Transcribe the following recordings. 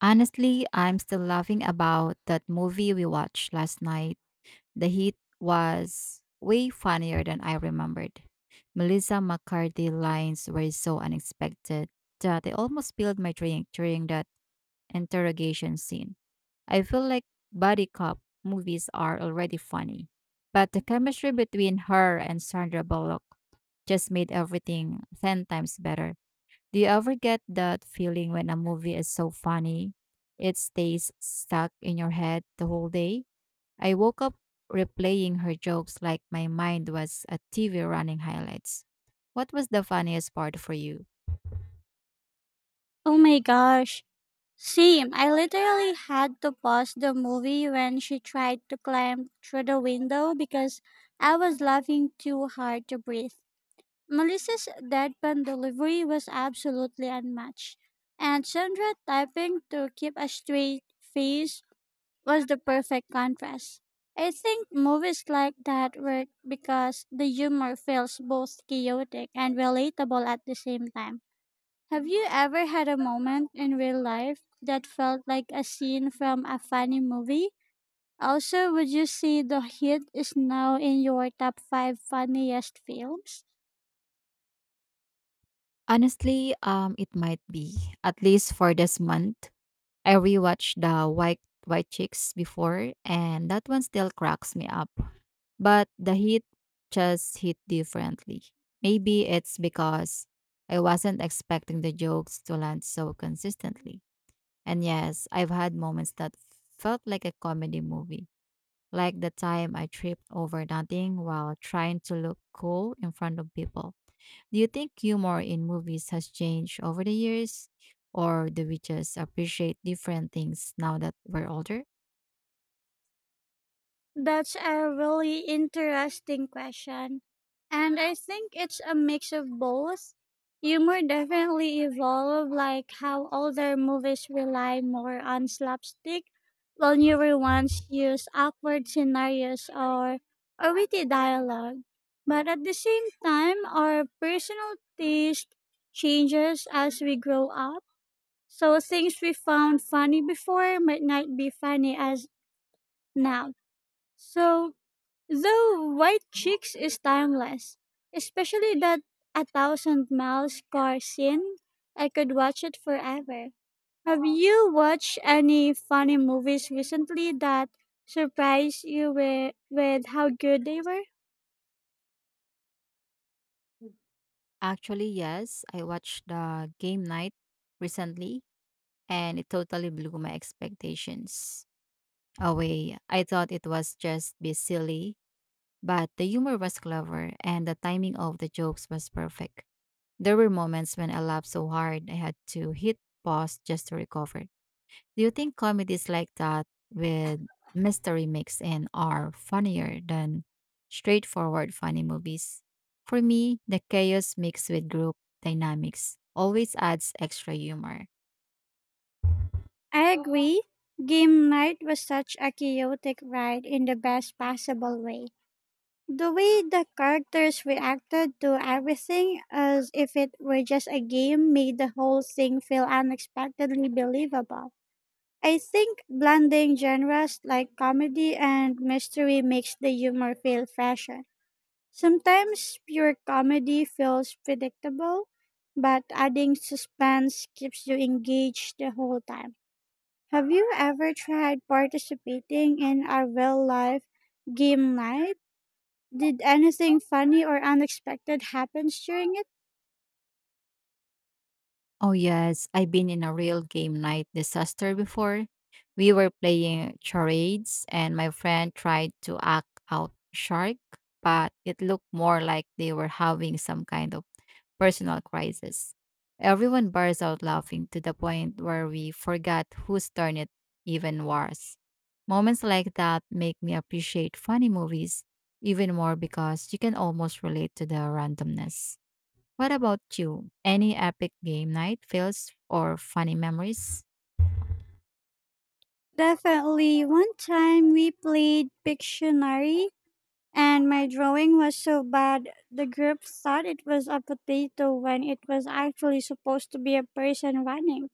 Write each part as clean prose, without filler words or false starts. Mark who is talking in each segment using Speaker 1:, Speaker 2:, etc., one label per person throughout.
Speaker 1: Honestly, I'm still laughing about that movie we watched last night. The heat was way funnier than I remembered. Melissa McCarthy's lines were so unexpected that I almost spilled my drink during that interrogation scene. I feel like body cop movies are already funny, but the chemistry between her and Sandra Bullock just made everything 10 times better. Do you ever get that feeling when a movie is so funny? It stays stuck in your head the whole day? I woke up replaying her jokes like my mind was a TV running highlights. What was the funniest part for you?
Speaker 2: Oh my gosh. Same. I literally had to pause the movie when she tried to climb through the window because I was laughing too hard to breathe. Melissa's deadpan delivery was absolutely unmatched, and Sandra typing to keep a straight face was the perfect contrast. I think movies like that work because the humor feels both chaotic and relatable at the same time. Have you ever had a moment in real life that felt like a scene from a funny movie? Also, would you say The Hit is now in your top 5 funniest films?
Speaker 1: Honestly, it might be, at least for this month. I rewatched the White Chicks before, and that one still cracks me up. But the heat just hit differently. Maybe it's because I wasn't expecting the jokes to land so consistently. And yes, I've had moments that felt like a comedy movie, like the time I tripped over nothing while trying to look cool in front of people. Do you think humor in movies has changed over the years? Or do we just appreciate different things now that we're older?
Speaker 2: That's a really interesting question. And I think it's a mix of both. Humor definitely evolved, like how older movies rely more on slapstick, while newer ones use awkward scenarios or witty dialogue. But at the same time, our personal taste changes as we grow up. So things we found funny before might not be funny as now. So though White Chicks is timeless, especially that A Thousand Miles car scene, I could watch it forever. Have you watched any funny movies recently that surprised you with how good they were?
Speaker 1: Actually, yes. I watched the game night recently and it totally blew my expectations away. I thought it was just be silly, but the humor was clever and the timing of the jokes was perfect. There were moments when I laughed so hard I had to hit pause just to recover. Do you think comedies like that with mystery mix in are funnier than straightforward funny movies? For me, the chaos mixed with group dynamics always adds extra humor.
Speaker 2: I agree. Game night was such a chaotic ride in the best possible way. The way the characters reacted to everything as if it were just a game made the whole thing feel unexpectedly believable. I think blending genres like comedy and mystery makes the humor feel fresher. Sometimes pure comedy feels predictable, but adding suspense keeps you engaged the whole time. Have you ever tried participating in a real life game night? Did anything funny or unexpected happen during it?
Speaker 1: Oh, yes. I've been in a real game night disaster before. We were playing charades, and my friend tried to act out shark, but it looked more like they were having some kind of personal crisis. Everyone burst out laughing to the point where we forgot whose turn it even was. Moments like that make me appreciate funny movies even more because you can almost relate to the randomness. What about you? Any epic game night fails or funny memories?
Speaker 2: Definitely. One time we played Pictionary and my drawing was so bad the group thought it was a potato when it was actually supposed to be a person running.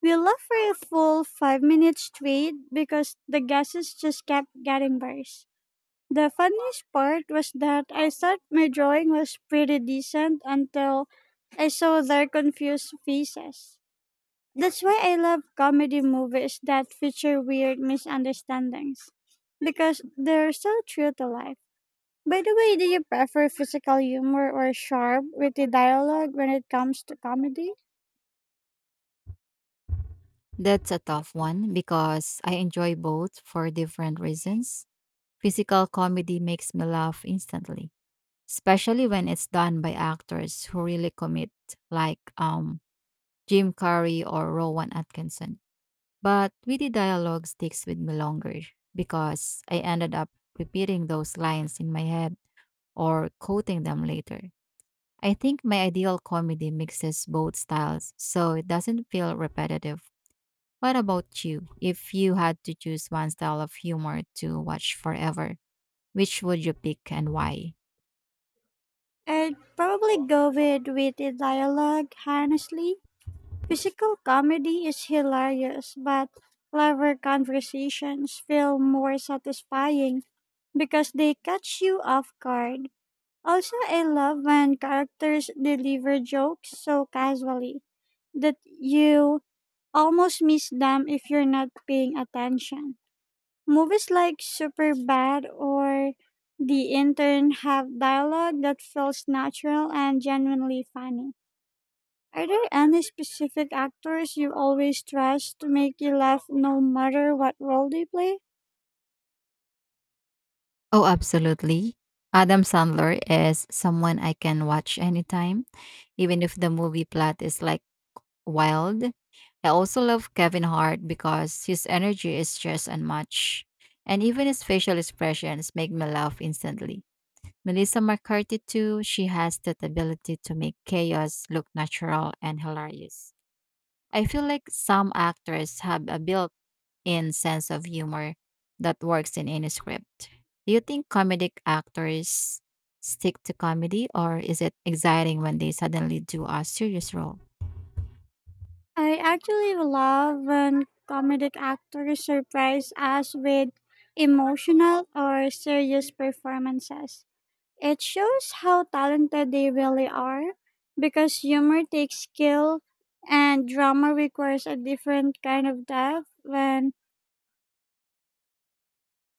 Speaker 2: We laughed for a full 5 minutes straight because the guesses just kept getting worse. The funniest part was that I thought my drawing was pretty decent until I saw their confused faces. That's why I love comedy movies that feature weird misunderstandings because they're so true to life. By the way, do you prefer physical humor or sharp, witty dialogue when it comes to comedy?
Speaker 1: That's a tough one because I enjoy both for different reasons. Physical comedy makes me laugh instantly, especially when it's done by actors who really commit, like Jim Carrey or Rowan Atkinson. But witty dialogue sticks with me longer because I ended up repeating those lines in my head or quoting them later. I think my ideal comedy mixes both styles, so it doesn't feel repetitive. What about you? If you had to choose one style of humor to watch forever, which would you pick and why?
Speaker 2: I'd probably go with witty dialogue, honestly. Physical comedy is hilarious, but clever conversations feel more satisfying because they catch you off guard. Also, I love when characters deliver jokes so casually that you almost miss them if you're not paying attention. Movies like Superbad or The Intern have dialogue that feels natural and genuinely funny. Are there any specific actors you always trust to make you laugh no matter what role they play?
Speaker 1: Oh, absolutely. Adam Sandler is someone I can watch anytime, even if the movie plot is like wild. I also love Kevin Hart because his energy is just unmatched, and even his facial expressions make me laugh instantly. Melissa McCarthy, too, she has that ability to make chaos look natural and hilarious. I feel like some actors have a built in sense of humor that works in any script. Do you think comedic actors stick to comedy, or is it exciting when they suddenly do a serious role?
Speaker 2: I actually love when comedic actors surprise us with emotional or serious performances. It shows how talented they really are because humor takes skill and drama requires a different kind of depth when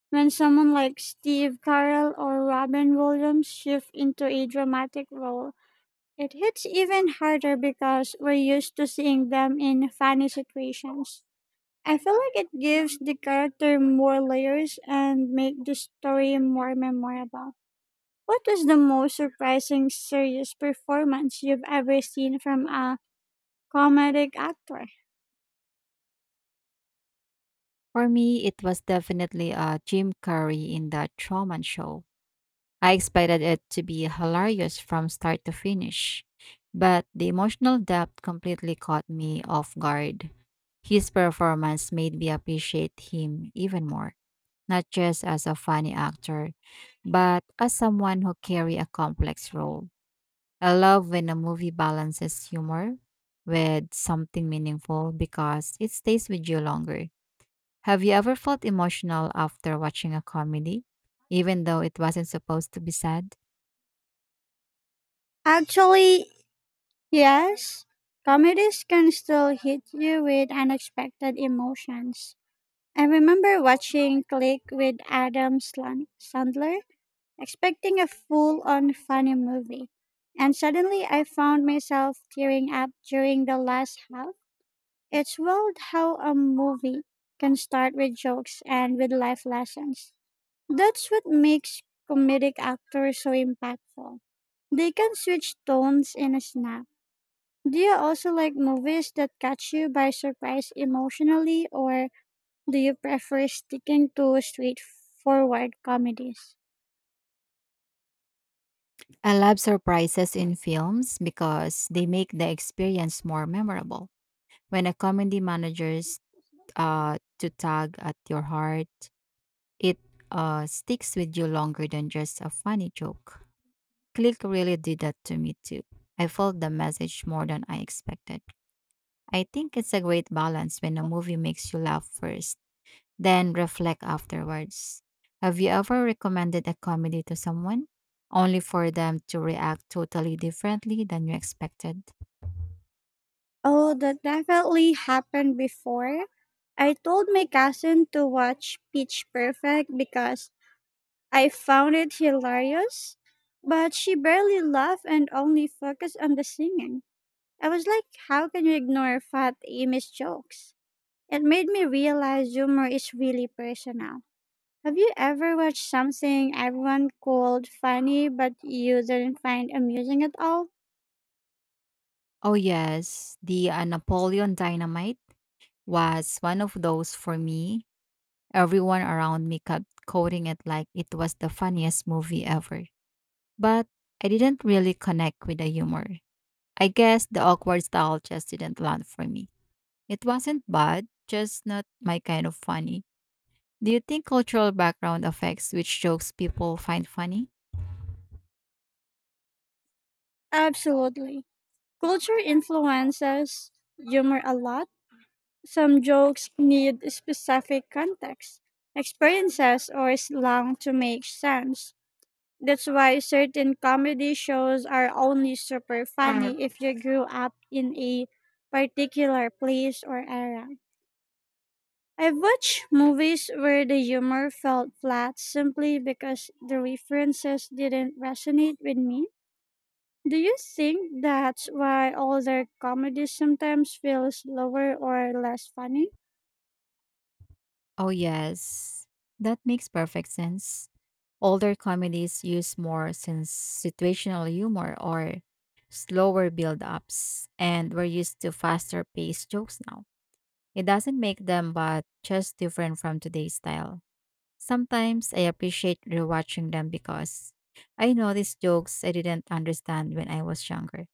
Speaker 2: when someone like Steve Carell or Robin Williams shift into a dramatic role. It hits even harder because we're used to seeing them in funny situations. I feel like it gives the character more layers and make the story more memorable. What was the most surprising serious performance you've ever seen from a comedic actor?
Speaker 1: For me, it was definitely a Jim Carrey in the Truman Show. I expected it to be hilarious from start to finish, but the emotional depth completely caught me off guard. His performance made me appreciate him even more, not just as a funny actor, but as someone who carry a complex role. I love when a movie balances humor with something meaningful because it stays with you longer. Have you ever felt emotional after watching a comedy, even though it wasn't supposed to be sad?
Speaker 2: Actually, yes. Comedies can still hit you with unexpected emotions. I remember watching Click with Sandler expecting a full on funny movie. And suddenly I found myself tearing up during the last half. It's wild how a movie can start with jokes and with life lessons. That's what makes comedic actors so impactful. They can switch tones in a snap. Do you also like movies that catch you by surprise emotionally, or do you prefer sticking to straightforward comedies?
Speaker 1: I love surprises in films because they make the experience more memorable. When a comedy manages to tug at your heart, it sticks with you longer than just a funny joke. Click really did that to me too. I felt the message more than I expected. I think it's a great balance when a movie makes you laugh first then reflect afterwards. Have you ever recommended a comedy to someone only for them to react totally differently than you expected?
Speaker 2: Oh, that definitely happened before. I told my cousin to watch Pitch Perfect because I found it hilarious, but she barely laughed and only focused on the singing. I was like, how can you ignore Fat Amy's jokes? It made me realize humor is really personal. Have you ever watched something everyone called funny but you didn't find amusing at all?
Speaker 1: Oh, yes, the Napoleon Dynamite was one of those for me. Everyone around me kept quoting it like it was the funniest movie ever. But I didn't really connect with the humor. I guess the awkward style just didn't land for me. It wasn't bad, just not my kind of funny. Do you think cultural background affects which jokes people find funny?
Speaker 2: Absolutely. Culture influences humor a lot. Some jokes need specific context, experiences, or slang to make sense. That's why certain comedy shows are only super funny if you grew up in a particular place or era. I've watched movies where the humor felt flat simply because the references didn't resonate with me. Do you think that's why older comedy sometimes feels slower or less funny?
Speaker 1: Oh, yes. That makes perfect sense. Older comedies use more since situational humor or slower build ups, and we're used to faster paced jokes now. It doesn't make them, but just different from today's style. Sometimes I appreciate rewatching them because I notice jokes I didn't understand when I was younger.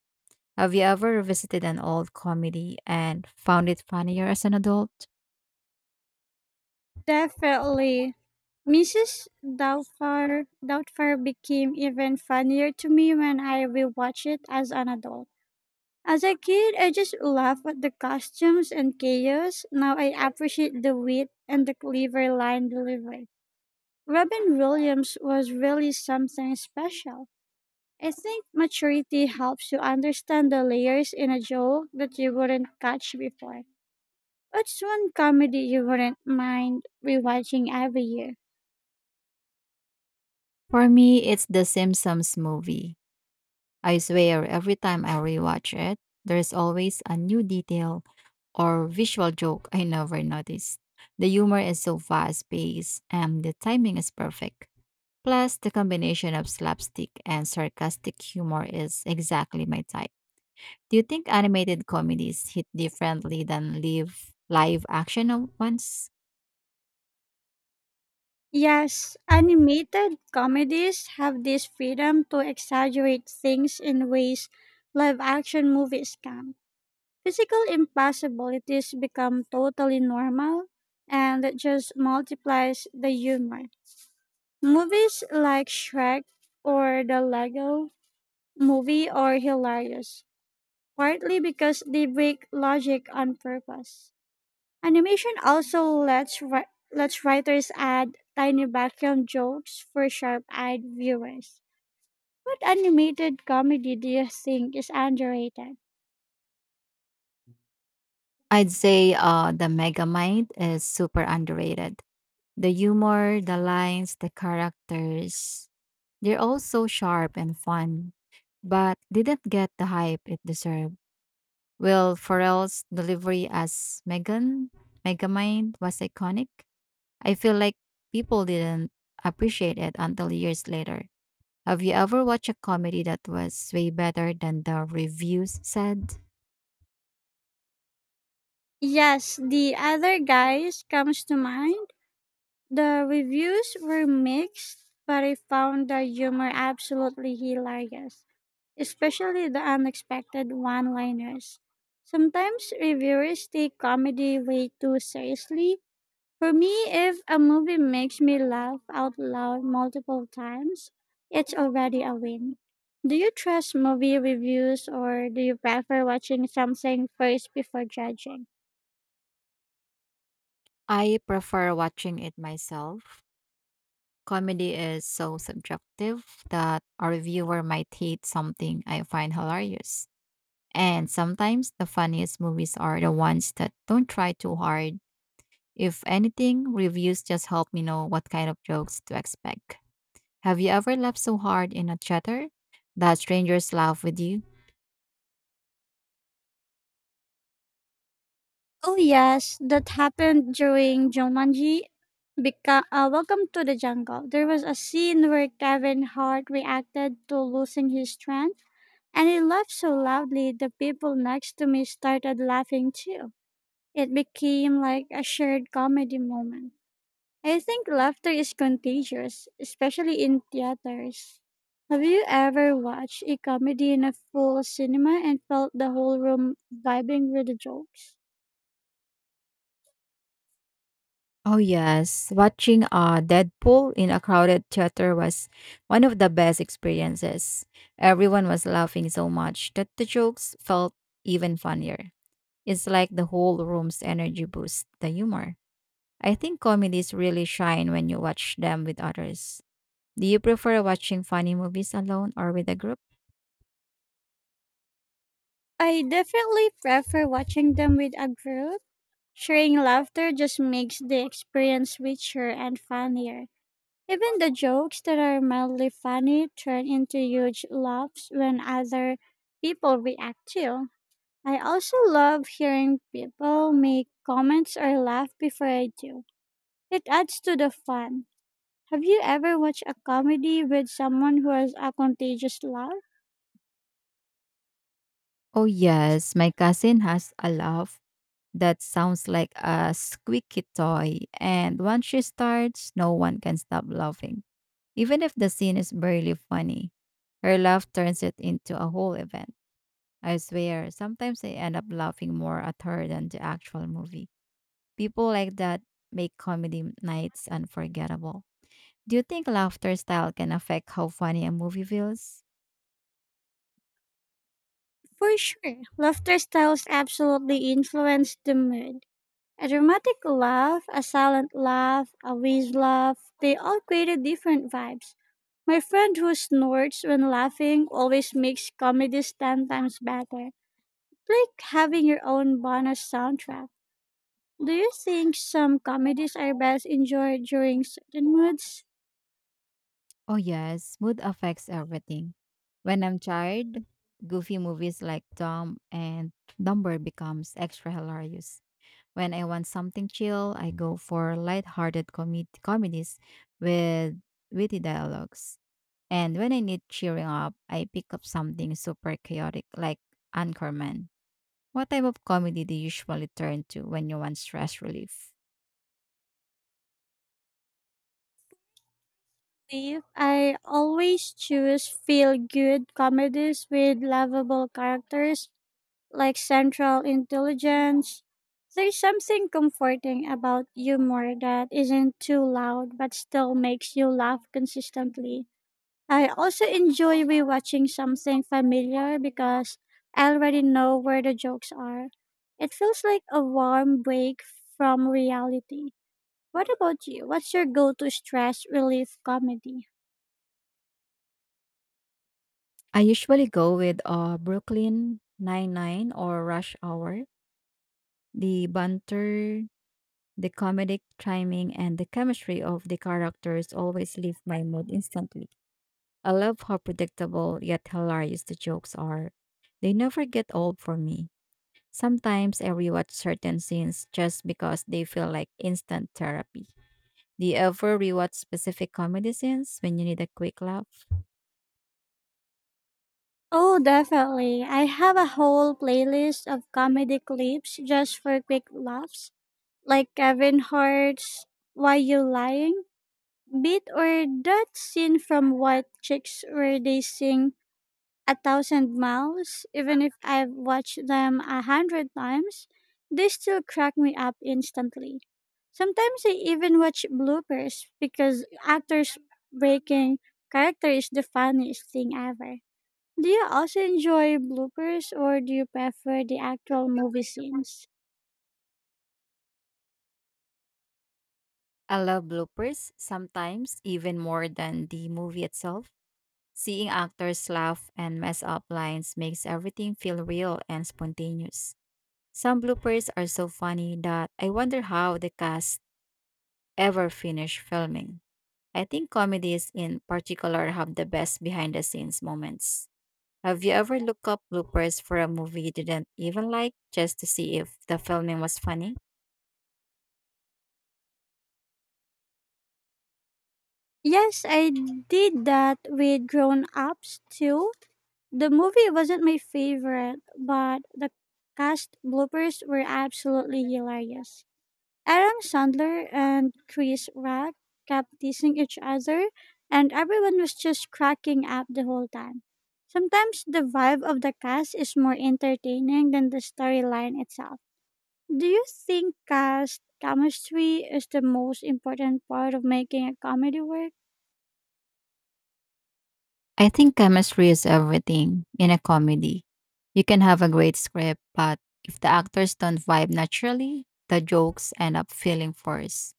Speaker 1: Have you ever revisited an old comedy and found it funnier as an adult?
Speaker 2: Definitely. Mrs. Doubtfire became even funnier to me when I rewatched it as an adult. As a kid, I just laughed at the costumes and chaos. Now I appreciate the wit and the clever line delivery. Robin Williams was really something special. I think maturity helps you understand the layers in a joke that you wouldn't catch before. What's one comedy you wouldn't mind rewatching every year?
Speaker 1: For me, it's The Simpsons movie. I swear, every time I rewatch it, there's always a new detail or visual joke I never noticed. The humor is so fast paced and the timing is perfect. Plus, the combination of slapstick and sarcastic humor is exactly my type. Do you think animated comedies hit differently than live action ones?
Speaker 2: Yes, animated comedies have this freedom to exaggerate things in ways live action movies can. Physical impossibilities become totally normal and it just multiplies the humor. Movies like Shrek or the Lego movie are hilarious, partly because they break logic on purpose. Animation also lets writers add tiny background jokes for sharp-eyed viewers. What animated comedy do you think is underrated?
Speaker 1: I'd say the Megamind is super underrated. The humor, the lines, the characters, they're all so sharp and fun, but didn't get the hype it deserved. Will Ferrell's delivery as Megamind, was iconic. I feel like people didn't appreciate it until years later. Have you ever watched a comedy that was way better than the reviews said?
Speaker 2: Yes, The Other Guys comes to mind. The reviews were mixed, but I found the humor absolutely hilarious, especially the unexpected one-liners. Sometimes reviewers take comedy way too seriously. For me, if a movie makes me laugh out loud multiple times, it's already a win. Do you trust movie reviews or do you prefer watching something first before judging?
Speaker 1: I prefer watching it myself. Comedy is so subjective that a reviewer might hate something I find hilarious. And sometimes the funniest movies are the ones that don't try too hard. If anything, reviews just help me know what kind of jokes to expect. Have you ever laughed so hard in a theater that strangers laugh with you?
Speaker 2: Oh, yes, that happened during Jumanji. Welcome to the Jungle. There was a scene where Kevin Hart reacted to losing his strength, and he laughed so loudly the people next to me started laughing too. It became like a shared comedy moment. I think laughter is contagious, especially in theaters. Have you ever watched a comedy in a full cinema and felt the whole room vibing with the jokes?
Speaker 1: Oh, yes. Watching Deadpool in a crowded theater was one of the best experiences. Everyone was laughing so much that the jokes felt even funnier. It's like the whole room's energy boost, the humor. I think comedies really shine when you watch them with others. Do you prefer watching funny movies alone or with a group?
Speaker 2: I definitely prefer watching them with a group. Sharing laughter just makes the experience richer and funnier. Even the jokes that are mildly funny turn into huge laughs when other people react too. I also love hearing people make comments or laugh before I do. It adds to the fun. Have you ever watched a comedy with someone who has a contagious laugh?
Speaker 1: Oh, yes, my cousin has a laugh that sounds like a squeaky toy, and once she starts, no one can stop laughing, even if the scene is barely funny. Her laugh turns it into a whole event. I swear, sometimes I end up laughing more at her than the actual movie. People like that make comedy nights unforgettable. Do you think laughter style can affect how funny a movie feels?
Speaker 2: For sure. Laughter styles absolutely influence the mood. A dramatic laugh, a silent laugh, a wheeze laugh, they all created different vibes. My friend who snorts when laughing always makes comedies 10 times better. It's like having your own bonus soundtrack. Do you think some comedies are best enjoyed during certain moods?
Speaker 1: Oh, yes, mood affects everything. When I'm tired, goofy movies like Dumb and Dumber becomes extra hilarious. When I want something chill, I go for lighthearted comedies with witty dialogues. And when I need cheering up, I pick up something super chaotic like Anchorman. What type of comedy do you usually turn to when you want stress relief?
Speaker 2: If I always choose feel good comedies with lovable characters like Central Intelligence. There's something comforting about humor that isn't too loud but still makes you laugh consistently. I also enjoy rewatching something familiar because I already know where the jokes are. It feels like a warm break from reality. What about you? What's your go to stress relief comedy?
Speaker 1: I usually go with Brooklyn Nine-Nine or Rush Hour. The banter, the comedic timing, and the chemistry of the characters always lift my mood instantly. I love how predictable yet hilarious the jokes are. They never get old for me. Sometimes I rewatch certain scenes just because they feel like instant therapy. Do you ever rewatch specific comedy scenes when you need a quick laugh?
Speaker 2: Oh, definitely. I have a whole playlist of comedy clips just for quick laughs, like Kevin Hart's Why You Lying beat or that scene from White Chicks where they sing a thousand miles, even if I've watched them 100 times, they still crack me up instantly. Sometimes I even watch bloopers because actors breaking character is the funniest thing ever. Do you also enjoy bloopers or do you prefer the actual movie scenes?
Speaker 1: I love bloopers, sometimes even more than the movie itself. Seeing actors laugh and mess up lines makes everything feel real and spontaneous. Some bloopers are so funny that I wonder how the cast ever finished filming. I think comedies in particular have the best behind the scenes moments. Have you ever looked up bloopers for a movie you didn't even like just to see if the filming was funny?
Speaker 2: Yes, I did that with grown ups too. The movie wasn't my favorite, but the cast bloopers were absolutely hilarious. Adam Sandler and Chris Rock kept teasing each other, and everyone was just cracking up the whole time. Sometimes the vibe of the cast is more entertaining than the storyline itself. Do you think cast chemistry is the most important part of making a comedy work?
Speaker 1: I think chemistry is everything in a comedy. You can have a great script, but if the actors don't vibe naturally, the jokes end up feeling forced.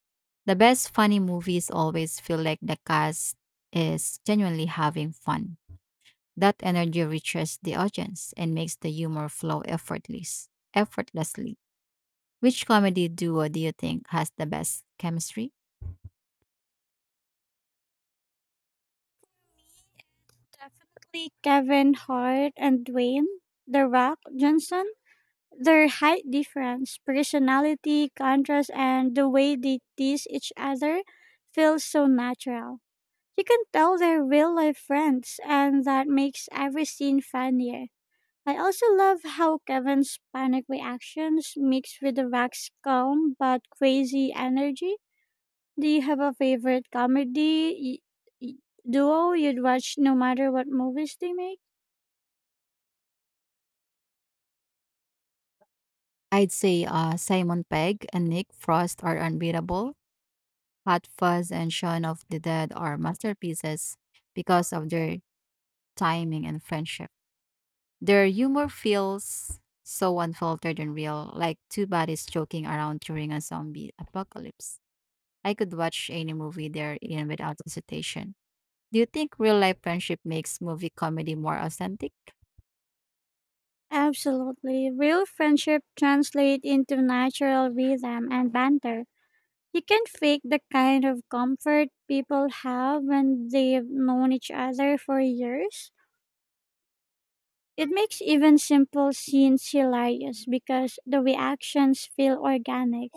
Speaker 1: The best funny movies always feel like the cast is genuinely having fun. That energy reaches the audience and makes the humor flow effortlessly. Which comedy duo do you think has the best chemistry?
Speaker 2: Definitely Kevin Hart and Dwayne The Rock Johnson. Their height difference, personality, contrast, and the way they tease each other feels so natural. You can tell they're real life friends, and that makes every scene funnier. I also love how Kevin's panic reactions mix with the Rex's calm but crazy energy. Do you have a favorite comedy y- y- duo you'd watch no matter what movies they make?
Speaker 1: I'd say Simon Pegg and Nick Frost are unbeatable. Hot Fuzz and Shaun of the Dead are masterpieces because of their timing and friendship. Their humor feels so unfiltered and real, like two buddies joking around during a zombie apocalypse. I could watch any movie they're in without hesitation. Do you think real life friendship makes movie comedy more authentic?
Speaker 2: Absolutely. Real friendship translate into natural rhythm and banter. You can't fake the kind of comfort people have when they've known each other for years. It makes even simple scenes hilarious because the reactions feel organic.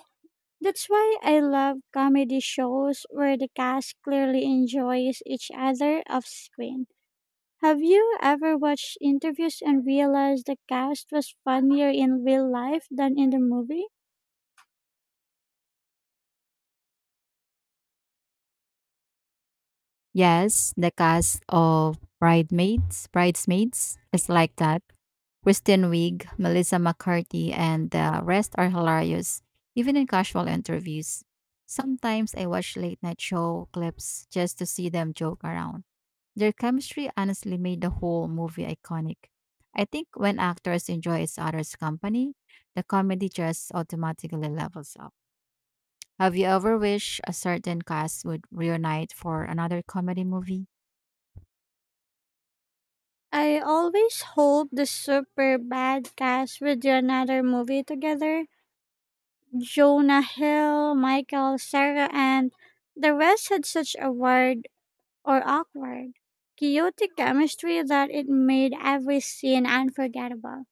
Speaker 2: That's why I love comedy shows where the cast clearly enjoys each other off screen. Have you ever watched interviews and realized the cast was funnier in real life than in the movie?
Speaker 1: Yes, the cast of Bridesmaids is like that. Kristen Wiig, Melissa McCarthy, and the rest are hilarious, even in casual interviews. Sometimes I watch late night show clips just to see them joke around. Their chemistry honestly made the whole movie iconic. I think when actors enjoy each other's company, the comedy just automatically levels up. Have you ever wished a certain cast would reunite for another comedy movie?
Speaker 2: I always hope the super bad cast will do another movie together. Jonah Hill, Michael, Sarah, and the rest had such a weird or awkward, chaotic chemistry that it made every scene unforgettable.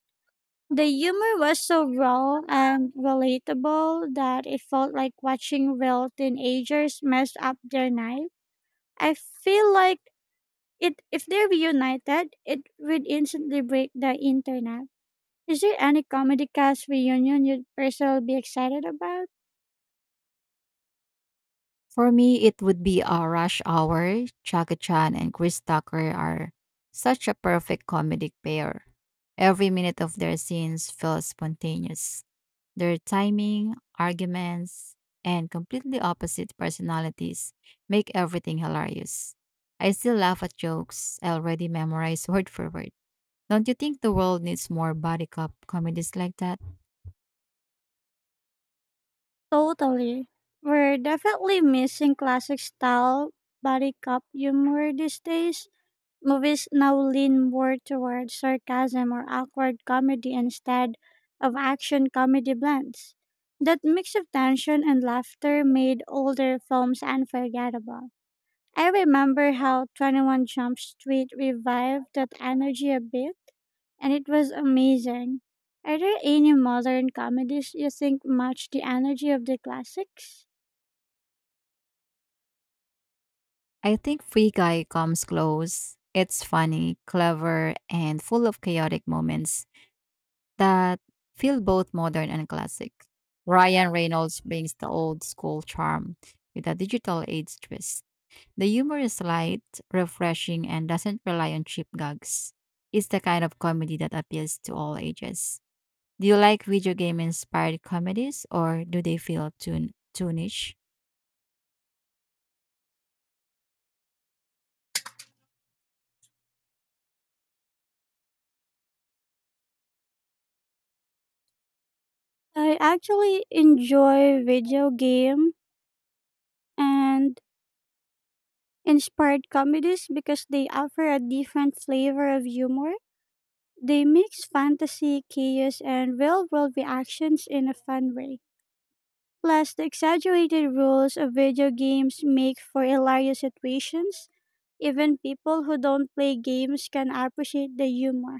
Speaker 2: The humor was so raw and relatable that it felt like watching real teenagers mess up their night. I feel like it if they reunited, it would instantly break the internet. Is there any comedy cast reunion you'd personally be excited about?
Speaker 1: For me, it would be a rush hour. Jackie Chan and Chris Tucker are such a perfect comedic pair. Every minute of their scenes feels spontaneous. Their timing, arguments, and completely opposite personalities make everything hilarious. I still laugh at jokes I already memorized word for word. Don't you think the world needs more body cop comedies like that?
Speaker 2: Totally. We're definitely missing classic style body cop humor these days. Movies now lean more toward sarcasm or awkward comedy instead of action comedy blends. That mix of tension and laughter made older films unforgettable. I remember how 21 Jump Street revived that energy a bit, and it was amazing. Are there any modern comedies you think match the energy of the classics?
Speaker 1: I think Free Guy comes close. It's funny, clever, and full of chaotic moments that feel both modern and classic. Ryan Reynolds brings the old school charm with a digital age twist. The humor is light, refreshing, and doesn't rely on cheap gags. It's the kind of comedy that appeals to all ages. Do you like video game inspired comedies or do they feel too niche?
Speaker 2: I actually enjoy video game and Inspired comedies because they offer a different flavor of humor. They mix fantasy, chaos, and real world reactions in a fun way. Plus, the exaggerated rules of video games make for hilarious situations. Even people who don't play games can appreciate the humor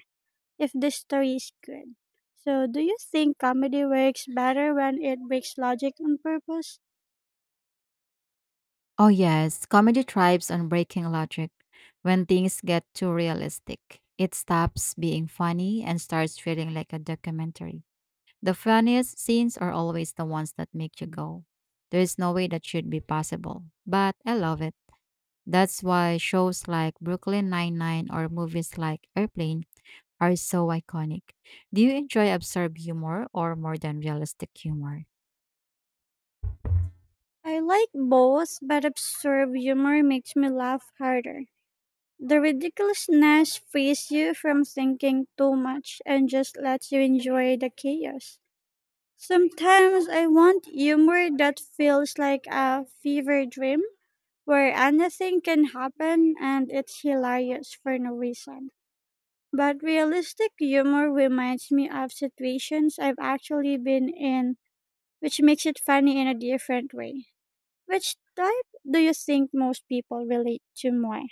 Speaker 2: if the story is good. So, do you think comedy works better when it breaks logic on purpose?
Speaker 1: Oh, yes, comedy thrives on breaking logic. When things get too realistic, it stops being funny and starts feeling like a documentary. The funniest scenes are always the ones that make you go, "There is no way that should be possible, but I love it." That's why shows like Brooklyn Nine-Nine or movies like Airplane are so iconic. Do you enjoy absurd humor or more than realistic humor?
Speaker 2: I like both, but absurd humor makes me laugh harder. The ridiculousness frees you from thinking too much and just lets you enjoy the chaos. Sometimes I want humor that feels like a fever dream where anything can happen and it's hilarious for no reason. But realistic humor reminds me of situations I've actually been in, which makes it funny in a different way. Which type do you think most people relate to more?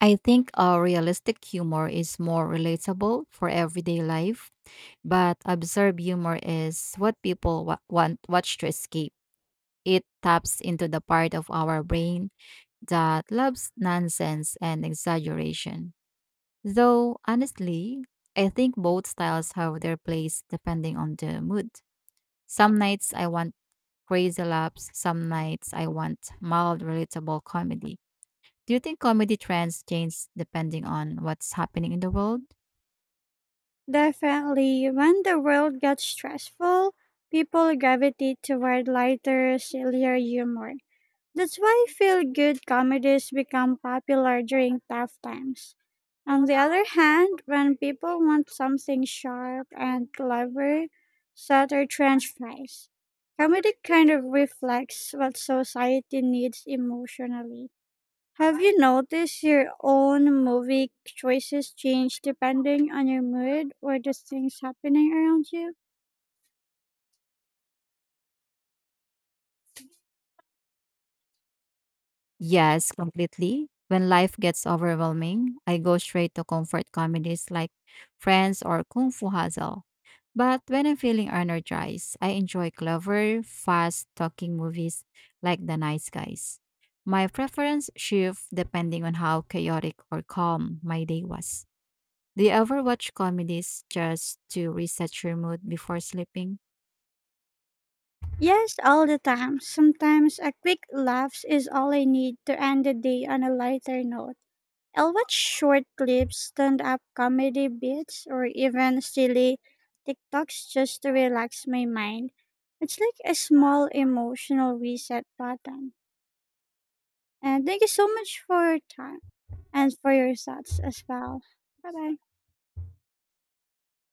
Speaker 1: I think realistic humor is more relatable for everyday life, but absurd humor is what people want watch to escape. It taps into the part of our brain that loves nonsense and exaggeration. Though honestly, I think both styles have their place depending on the mood. Some nights I want crazy laughs, some nights I want mild relatable comedy. Do you think comedy trends change depending on what's happening in the world?
Speaker 2: Definitely, when the world gets stressful, people gravitate toward lighter, sillier humor. That's why feel good comedies become popular during tough times. On the other hand, when people want something sharp and clever, satire transfers. Comedy kind of reflects what society needs emotionally. Have you noticed your own movie choices change depending on your mood or the things happening around you?
Speaker 1: Yes, completely. When life gets overwhelming, I go straight to comfort comedies like Friends or Kung Fu Hustle. But when I'm feeling energized, I enjoy clever, fast talking movies like The Nice Guys. My preference shifts depending on how chaotic or calm my day was. Do you ever watch comedies just to reset your mood before sleeping?
Speaker 2: Yes, all the time. Sometimes a quick laugh is all I need to end the day on a lighter note. I'll watch short clips, stand up comedy bits, or even silly TikToks just to relax my mind. It's like a small emotional reset button. And thank you so much for your time and for your thoughts as well. Bye bye.